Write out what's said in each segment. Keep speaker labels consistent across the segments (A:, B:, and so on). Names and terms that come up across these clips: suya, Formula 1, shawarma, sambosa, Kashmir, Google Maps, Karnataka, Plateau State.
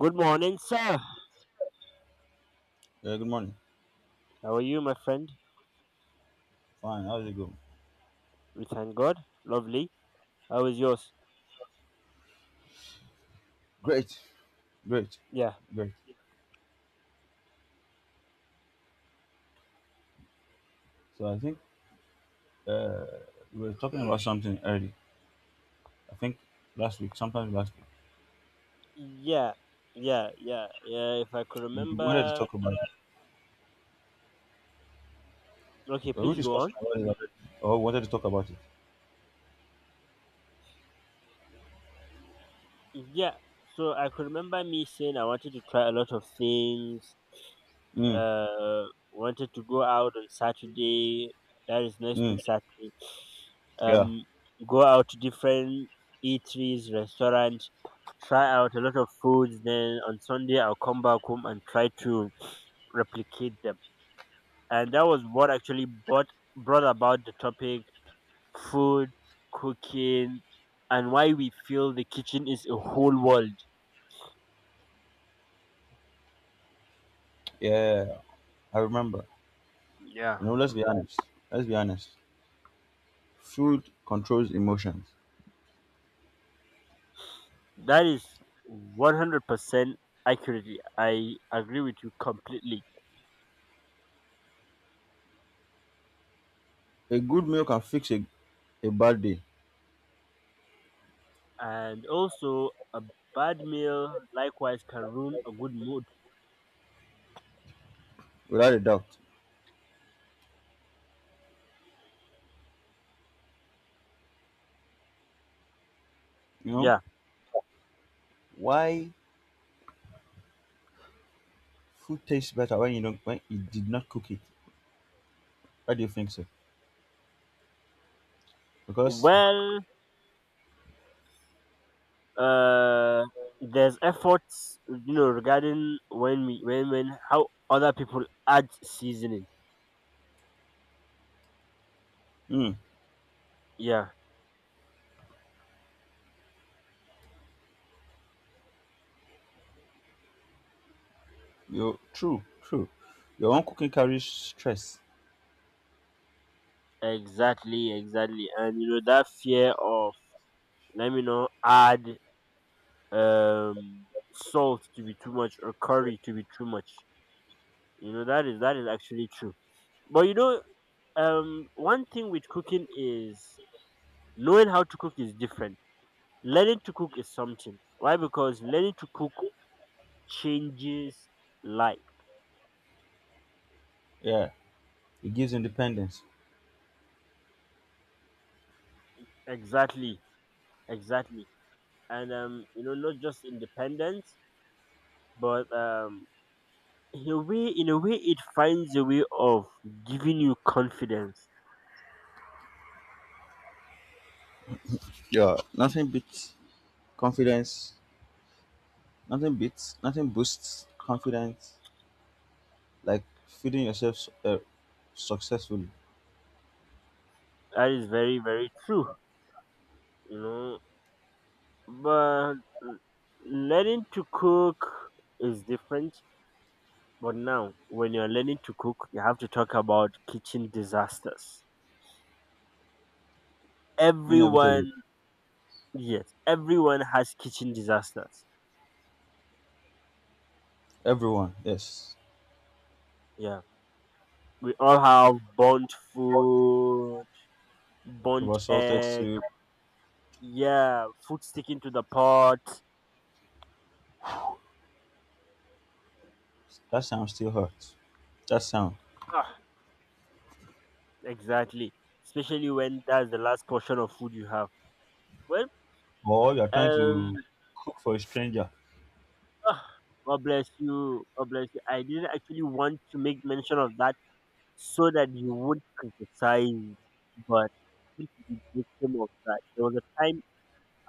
A: Good morning, sir.
B: Yeah, good morning.
A: How are you, my friend?
B: Fine. How's it going?
A: We thank God. Lovely. How is yours?
B: Great, great,
A: Yeah.
B: great. So I think uh, we were talking about something early. I think last week, sometime last week,
A: Yeah. Yeah. If I could
B: we wanted to
A: remember.
B: talk about it.
A: Okay,
B: Were we
A: please go on.
B: discussing about it already? Or wanted to talk about it?
A: Yeah. So I could remember me saying I wanted to try a lot of things.
B: Mm,
A: Uh, Wanted to go out on Saturday. That is next
B: mm,
A: week Saturday.
B: yeah,
A: Um, Go out to different eateries, restaurants, try out a lot of foods. Then on Sunday I'll come back home and try to replicate them. And that was what actually brought about the topic, food, cooking, and why we feel the kitchen is a whole world.
B: yeah, yeah, yeah. I remember.
A: Yeah,
B: You know, let's be honest. Let's be honest. Food controls emotions.
A: that is 100% accurately, I agree with you completely.
B: A good meal can fix a bad day,
A: And also a bad meal likewise can ruin a good mood.
B: without a doubt. You know
A: Yeah,
B: why food tastes better when you don't when you did not cook it. Why do you think so? Because
A: well uh there's efforts, you know, regarding when we when how other people add seasoning.
B: mm,
A: Yeah.
B: you true, your own cooking carries stress.
A: Exactly, exactly. And you know that fear of let me know add um salt to be too much or curry to be too much. You know that is actually true. But you know, one thing with cooking is knowing how to cook is different. Learning to cook is something. Why? Because learning to cook changes life.
B: Yeah, it gives independence.
A: Exactly. Exactly. And you know, not just independence, but in a way it finds a way of giving you confidence.
B: Yeah, nothing beats confidence. Nothing boosts confidence like feeding yourself successfully.
A: That is very, very true, you know. But l- learning to cook is different. But now when you're learning to cook, you have to talk about kitchen disasters.
B: Inevitably.
A: Everyone, yes, everyone has kitchen disasters.
B: Everyone, yes.
A: Yeah, we all have burnt food, burnt
B: About salted
A: egg.
B: soup.
A: Yeah, food sticking to the pot.
B: That sound still hurts. That sound.
A: Ah, exactly. Especially when that's the last portion of food you have. Well,
B: Or you're trying to
A: um,
B: cook for a stranger.
A: ah, God bless you. God bless you. I didn't actually want to make mention of that so that you would criticize, but I happened to be victim of that. There was a time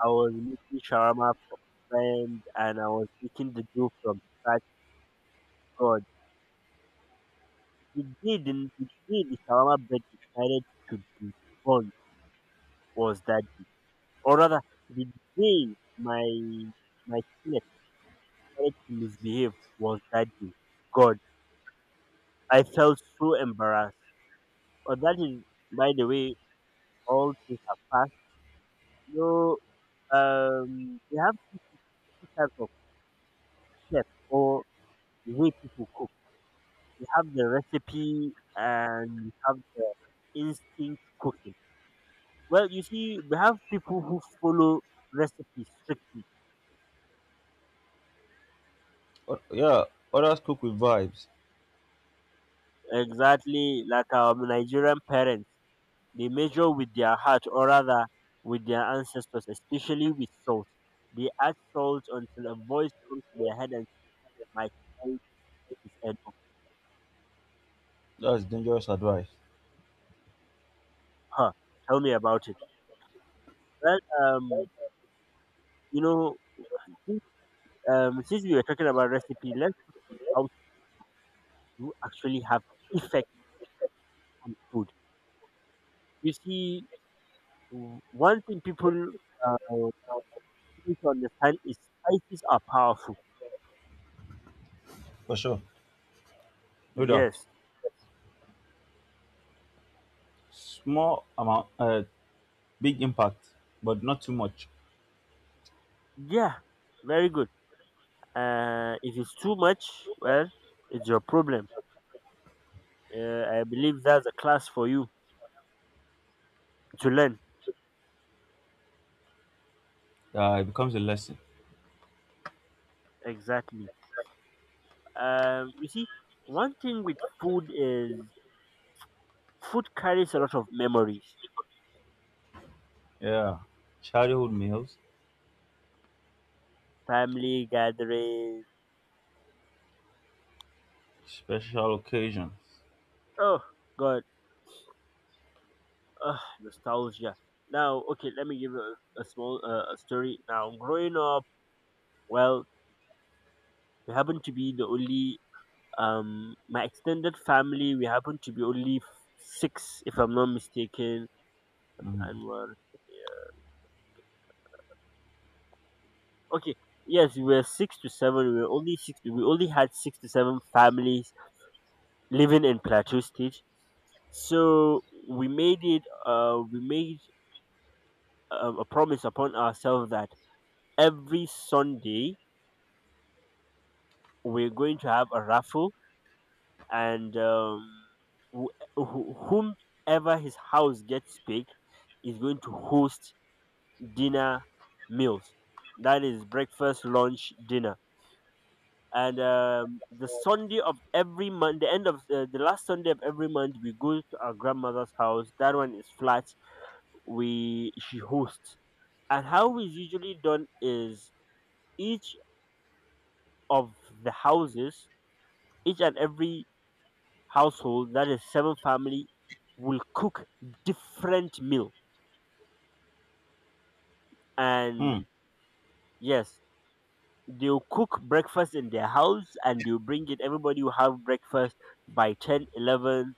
A: I was making shawarma for a friend and I was making the dough from scratch. God, the day day the shawarma bread decided to be burnt was that day. Or rather, the day my skin decided to misbehave was that day. God, I felt so embarrassed. But that is, by the way, all things have passed. No, we have two types of chefs, or way people cook. We have the recipe and we have the instinct cooking. Well, you see, we have people who follow recipes strictly.
B: Yeah, others cook with vibes.
A: Exactly like our Nigerian parents. They measure with their heart, or rather with their ancestors, especially with salt. They add salt until a voice comes to their head and says, "My child, it is enough."
B: That's dangerous advice.
A: Huh. Tell me about it. Well, you know, since, since we were talking about recipe, let's talk about how to actually have effect on food. You see, one thing people uh, need to understand is spices are powerful.
B: For sure. No doubt.
A: Yes.
B: Small amount, big impact, but not too much.
A: Yeah. Very good. If it's too much, well, it's your problem. I believe that's a class for you to learn.
B: It becomes a lesson.
A: Exactly. You see, one thing with food is food carries a lot of memories,
B: Yeah. Childhood meals,
A: family gatherings.
B: special occasions.
A: Oh God, oh, nostalgia. Now, okay, let me give you a small a story. Now, growing up, well, we happen to be the only my extended family. We happen to be only six, if I'm not mistaken,
B: Mm.
A: Anwar. Okay. Yes, we were six to seven. We were only six. We only had six to seven families living in Plateau State. So we made it. We made a promise upon ourselves that every Sunday we're going to have a raffle, and wh- wh- whomever his house gets picked is going to host dinner meals. That is breakfast, lunch, dinner, and the Sunday of every month, the end of the last Sunday of every month, we go to our grandmother's house. That one is flat. We She hosts, and how it's usually done is each of the houses, each and every household, that is seven family, will cook different meal, and
B: Hmm.
A: yes. They'll cook breakfast in their house and they'll bring it. Everybody will have breakfast by 10, 11.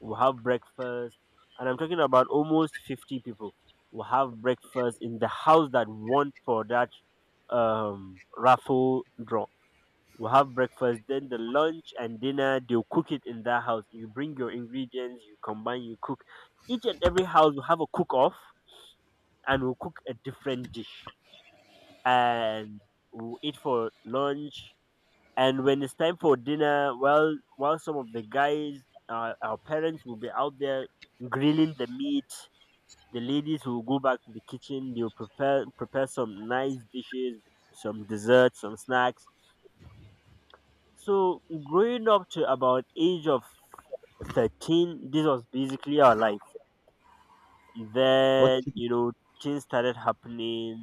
A: We'll have breakfast. And I'm talking about almost 50 people. We'll have breakfast in the house that won for that raffle draw. We'll have breakfast, then the lunch and dinner, they'll cook it in that house. You bring your ingredients, you combine, you cook. Each and every house will have a cook off and we'll cook a different dish. And we'll eat for lunch, and when it's time for dinner, well, while some of the guys, our parents will be out there grilling the meat, the ladies will go back to the kitchen. They'll prepare some nice dishes, some desserts, some snacks. So growing up to about age of 13, this was basically our life.
B: What
A: Then,
B: you-
A: you know, things started happening.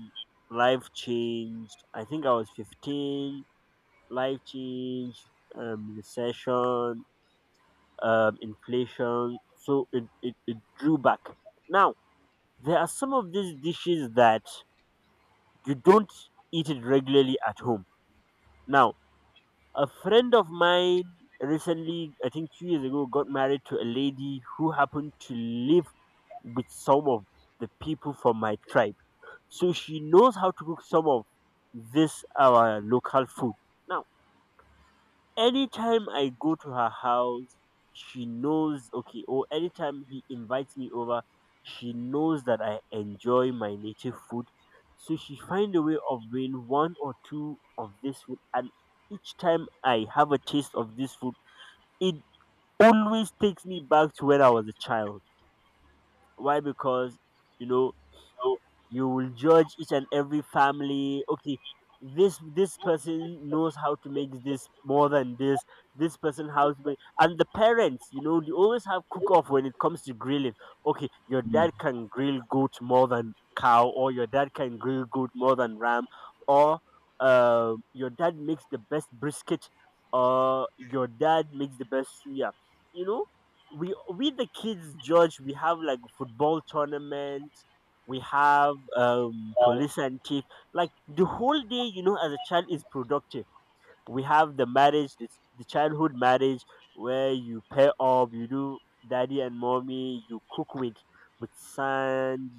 A: Life changed, I think I was 15. Life changed, recession, inflation, so it drew back. Now, there are some of these dishes that you don't eat it regularly at home. Now, a friend of mine recently, I think 2 years ago, got married to a lady who happened to live with some of the people from my tribe. So she knows how to cook some of this our local food. Now, anytime I go to her house, she knows, okay, or anytime he invites me over, she knows that I enjoy my native food. So she find a way of doing one or two of this food. And each time I have a taste of this food, it always takes me back to when I was a child. Why? Because, you know, you will judge each and every family, okay, this person knows how to make this more than this, this person and the parents, you know, they always have cook off when it comes to grilling. Okay, your dad can grill goat more than cow, or your dad can grill goat more than ram, or your dad makes the best brisket, or your dad makes the best suya. You know, we the kids judge. We have like football tournament. We have police and chief. Like the whole day, you know, as a child is productive. We have the marriage, the childhood marriage, where you pair up, you do daddy and mommy, you cook with sand,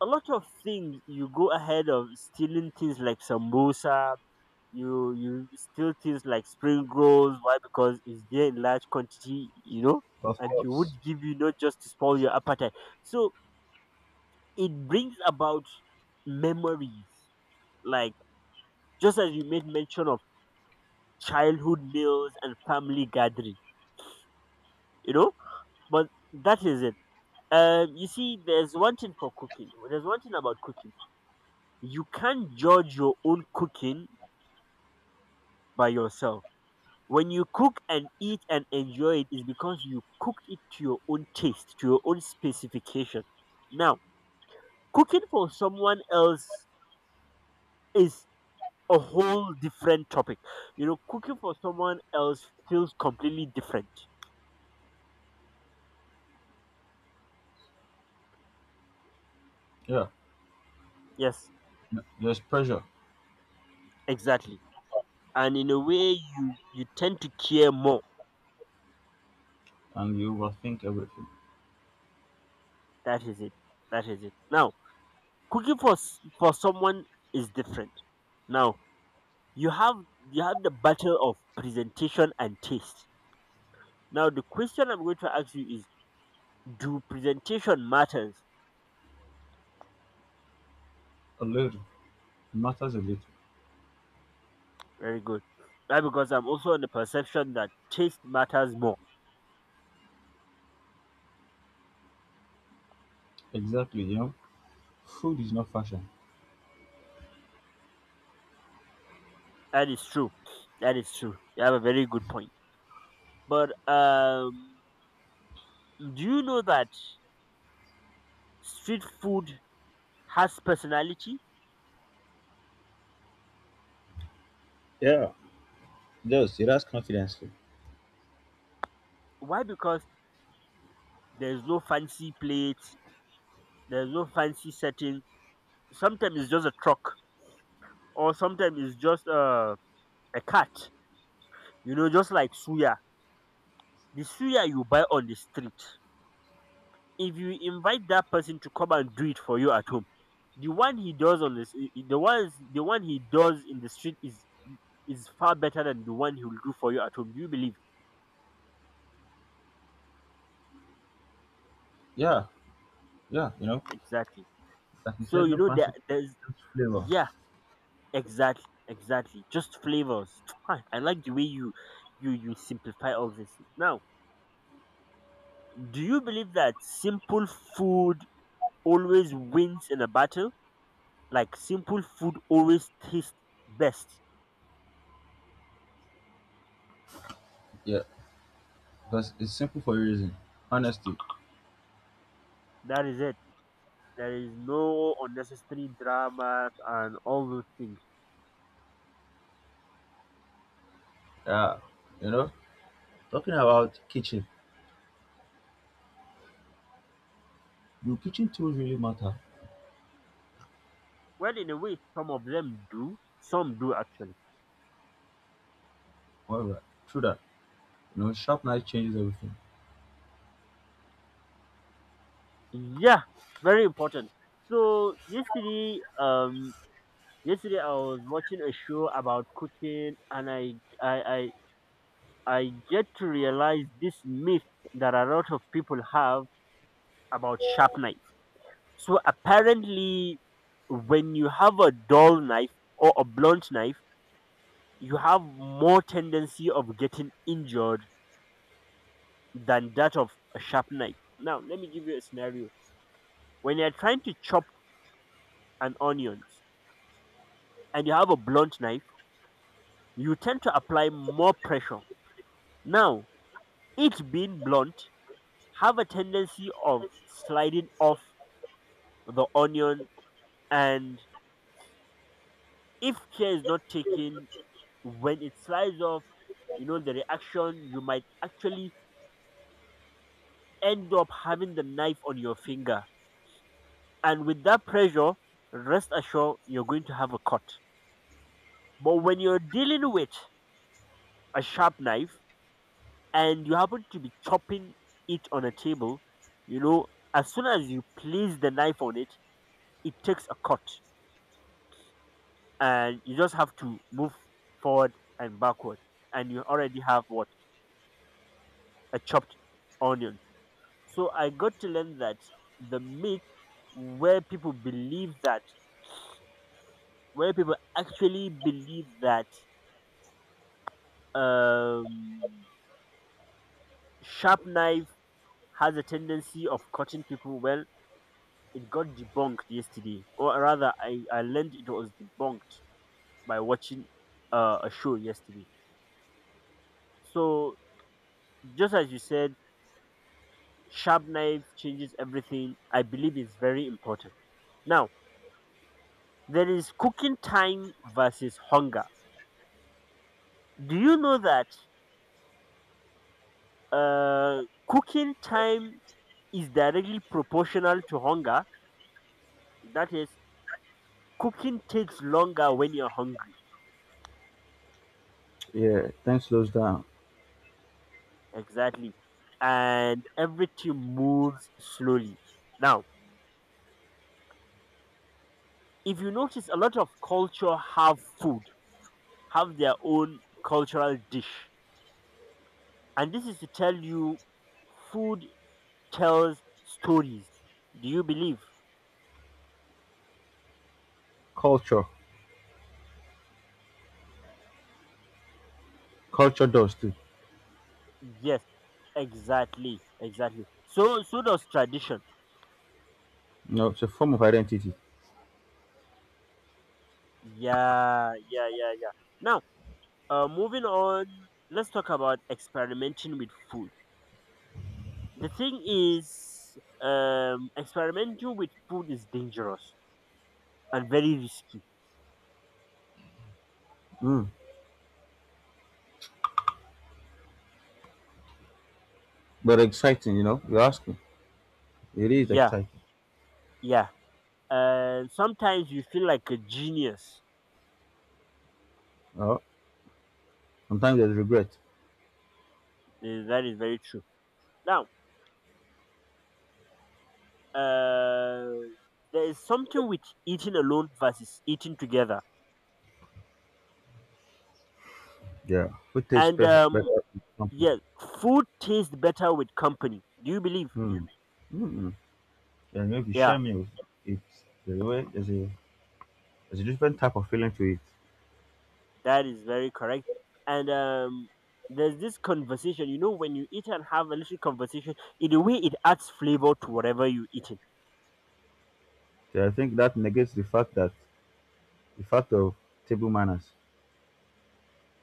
A: a lot of things. You go ahead of stealing things like sambosa. You steal things like spring rolls. Why? Because it's there in large quantity, you know,
B: of
A: and you
B: course.
A: would give you not just to spoil your appetite. So it brings about memories, like just as you made mention of, childhood meals and family gathering, you know. But that is it. You see, there's one thing about cooking, you can't judge your own cooking by yourself. When you cook and eat and enjoy, it is because you cooked it to your own taste, to your own specification. Now, cooking for someone else is a whole different topic. You know, cooking for someone else feels completely different.
B: Yeah.
A: Yes,
B: There's pressure,
A: exactly. And in a way, you tend to care more.
B: and you will think everything.
A: That is it. That is it. Now, cooking for for someone is different. Now, you have you have the battle of presentation and taste. Now, the question I'm going to ask you is: Do presentation matters?
B: A little. It matters a little.
A: Very good. Why? Because I'm also on the perception that taste matters more.
B: Exactly. You know, food is not fashion.
A: That is true. That is true. You have a very good point. But do you know that street food has personality?
B: Yeah. Yes, it has confidence too.
A: Why? Because there's no fancy plates, there's no fancy setting. Sometimes it's just a truck, or sometimes it's just a cart. You know, just like suya. The suya you buy on the street. If you invite that person to come and do it for you at home, the one he does on this, the one he does in the street is far better than the one he will do for you at home. Do you believe?
B: Yeah. Yeah. You know,
A: Exactly.
B: like you
A: So
B: said,
A: you
B: no
A: know
B: fancy,
A: there's
B: just flavor.
A: yeah, exactly, exactly. Just flavors. Ah, I like the way you simplify all this. Now, do you believe that simple food always wins in a battle? Like simple food always tastes best.
B: Yeah. Because it's simple for a reason. Honesty.
A: That is it. There is no unnecessary dramas and all those things.
B: Yeah. You know. Talking about kitchen, do kitchen tools really matter?
A: Well, in a way, some of them do. Some do actually.
B: However, true that, you know, sharp knife changes everything.
A: Yeah, very important. So yesterday, yesterday I was watching a show about cooking, and I, I get to realize this myth that a lot of people have about sharp knife. So apparently, when you have a dull knife or a blunt knife, you have more tendency of getting injured than that of a sharp knife. Now, let me give you a scenario. When you're trying to chop an onion and you have a blunt knife, you tend to apply more pressure. Now, it being blunt, have a tendency of sliding off the onion, and if care is not taken, when it slides off, you know, the reaction, you might actually end up having the knife on your finger. And with that pressure, rest assured you're going to have a cut. But when you're dealing with a sharp knife, and you happen to be chopping it on a table, you know, as soon as you place the knife on it, it takes a cut and you just have to move forward and backward and you already have what? A chopped onion. So I got to learn that the myth where people believe that where people actually believe that um sharp knife has a tendency of cutting people well, it got debunked yesterday, or rather, I learned it was debunked by watching a show yesterday. So, just as you said, sharp knife changes everything. I believe it's very important. Now, there is cooking time versus hunger. Do you know that uh, cooking time is directly proportional to hunger? That is, cooking takes longer when you're hungry.
B: Yeah, time slows down.
A: Exactly. And everything moves slowly. Now, if you notice, a lot of culture have food have their own cultural dish, and this is to tell you food tells stories. Do you believe?
B: Culture, culture does too.
A: Yes, exactly, exactly, so so does tradition.
B: You know, it's a form of identity.
A: Yeah, yeah, yeah, yeah. Now, moving on, let's talk about experimenting with food. The thing is, experimenting with food is dangerous and very risky.
B: Mm. But exciting, you know. You're asking. It is
A: Yeah,
B: exciting.
A: yeah, and sometimes you feel like a genius.
B: Uh, sometimes there's regret.
A: Eh, that is very true. Now, uh, there is something with eating alone versus eating together,
B: Yeah. Who tastes
A: and
B: better, better in company?
A: yeah, food tastes better with company. Do you believe?
B: Mm. Mm. And if you
A: Yeah,
B: share meals, it's there's there's a different type of feeling to it.
A: that is very correct. And there's this conversation. You know, when you eat and have a little conversation, in a way, it adds flavor to whatever you eat.
B: So I think that negates the fact that the fact of table manners.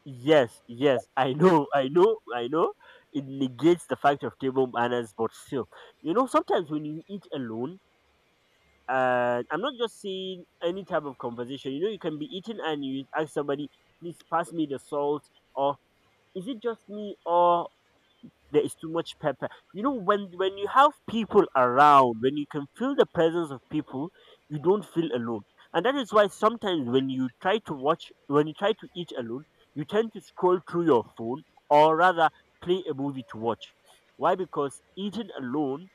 A: Yes, yes, I know, I know, I know. It negates the fact of table manners, but still, you know, sometimes when you eat alone, I'm not just saying any type of conversation. You know, you can be eating and you ask somebody, please pass me the salt, or is it just me, or there is too much pepper. You know, when you have people around, when you can feel the presence of people, you don't feel alone. And that is why sometimes when you try to eat alone, you tend to scroll through your phone, or rather play a movie to watch. Why? Because eating alone,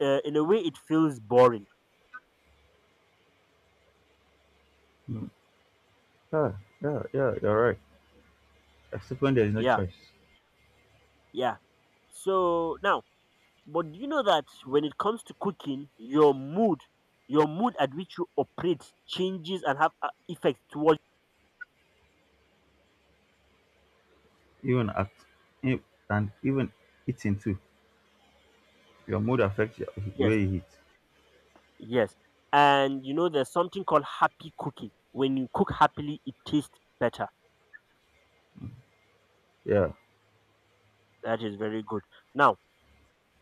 A: in a way it feels boring.
B: Yeah, yeah, yeah, you're right. Except when there is no
A: Yeah,
B: choice.
A: yeah. So now, but do you know that when it comes to cooking, your mood at which you operate changes and have effects towards,
B: Even at, e- and Even eating too. Your mood affects the
A: yes.
B: way you eat.
A: Yes. And you know, there's something called happy cooking. When you cook happily, it tastes better.
B: Yeah.
A: That is very good. Now,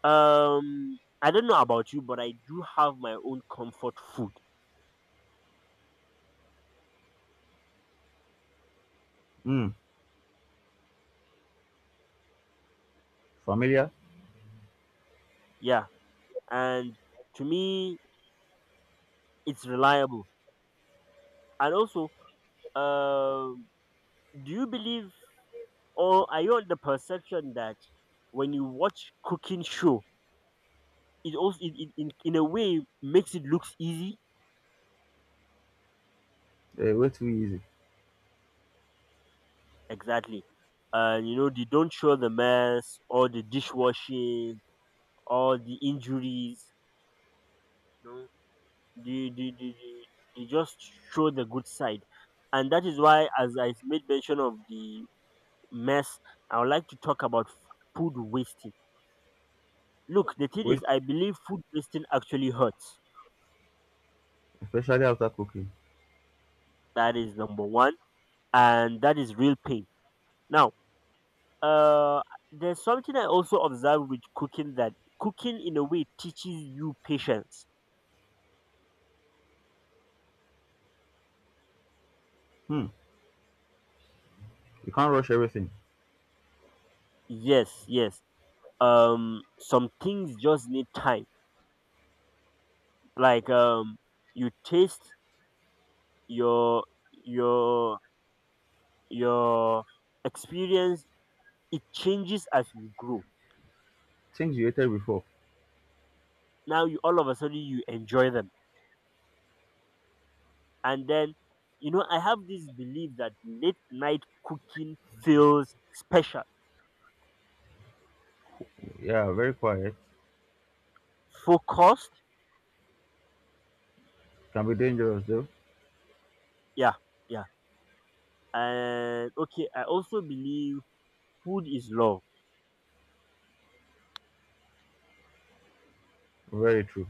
A: I don't know about you, but I do have my own comfort food.
B: Mm. Familiar?
A: Yeah. And to me, it's reliable. And also, um, do you believe or are you on the perception that when you watch cooking show, it also in a way makes it looks easy?
B: Eh, way too easy.
A: Exactly. And you know, they don't show the mess or the dishwashing or the injuries. No. They, they, they, they, they just show the good side. And that is why, as I made mention of the mess, I would like to talk about food wasting. Look, the thing is,
B: Waste,
A: I believe food wasting actually hurts.
B: especially after cooking.
A: That is number one. And that is real pain. Now, uh, there's something I also observe with cooking, that cooking in a way teaches you patience.
B: Hmm. You can't rush everything.
A: Yes, yes. Some things just need time. Like, you taste, your your your experience, it changes as you grow.
B: Things you hated before.
A: Now you all of a sudden you enjoy them. And then, you know, I have this belief that late night cooking feels special,
B: Yeah, very quiet.
A: focused.
B: Can be dangerous though.
A: Yeah, yeah. And okay, I also believe food is love.
B: Very true.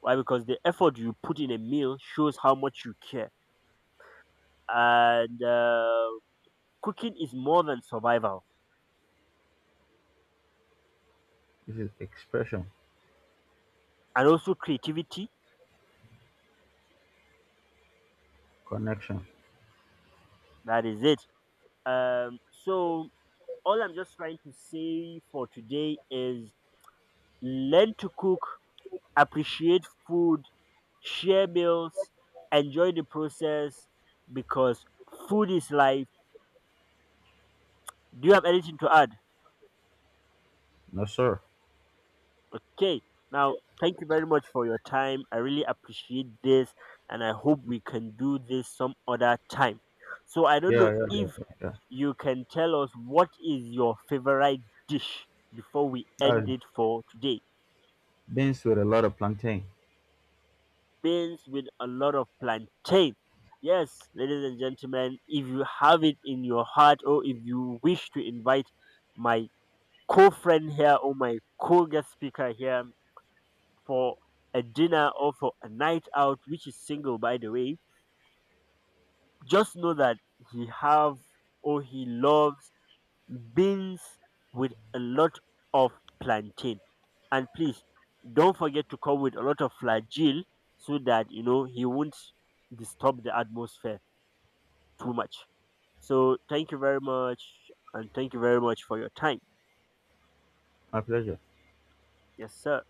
A: Why? Because the effort you put in a meal shows how much you care. And cooking is more than survival,
B: This is expression,
A: and also creativity.
B: connection.
A: That is it. So, all I'm just trying to say for today is learn to cook, appreciate food, share meals, enjoy the process, because food is life. Do you have anything to add?
B: No, sir.
A: Okay. Now, thank you very much for your time. I really appreciate this and I hope we can do this some other time. So, I don't know
B: Yeah, yeah, yeah,
A: if
B: yeah, yeah.
A: you can tell us what is your favorite dish before we end
B: I've
A: it for today.
B: been with a lot of plantain.
A: Beans with a lot of plantain. Yes, ladies and gentlemen, if you have it in your heart or if you wish to invite my co friend here or my co guest speaker here, for a dinner or for a night out, which is single by the way, just know that he have or he loves beans with a lot of plantain. And please don't forget to come with a lot of flagel so that you know he won't disturb the atmosphere too much. So thank you very much and thank you very much for your time.
B: My pleasure.
A: Yes, sir.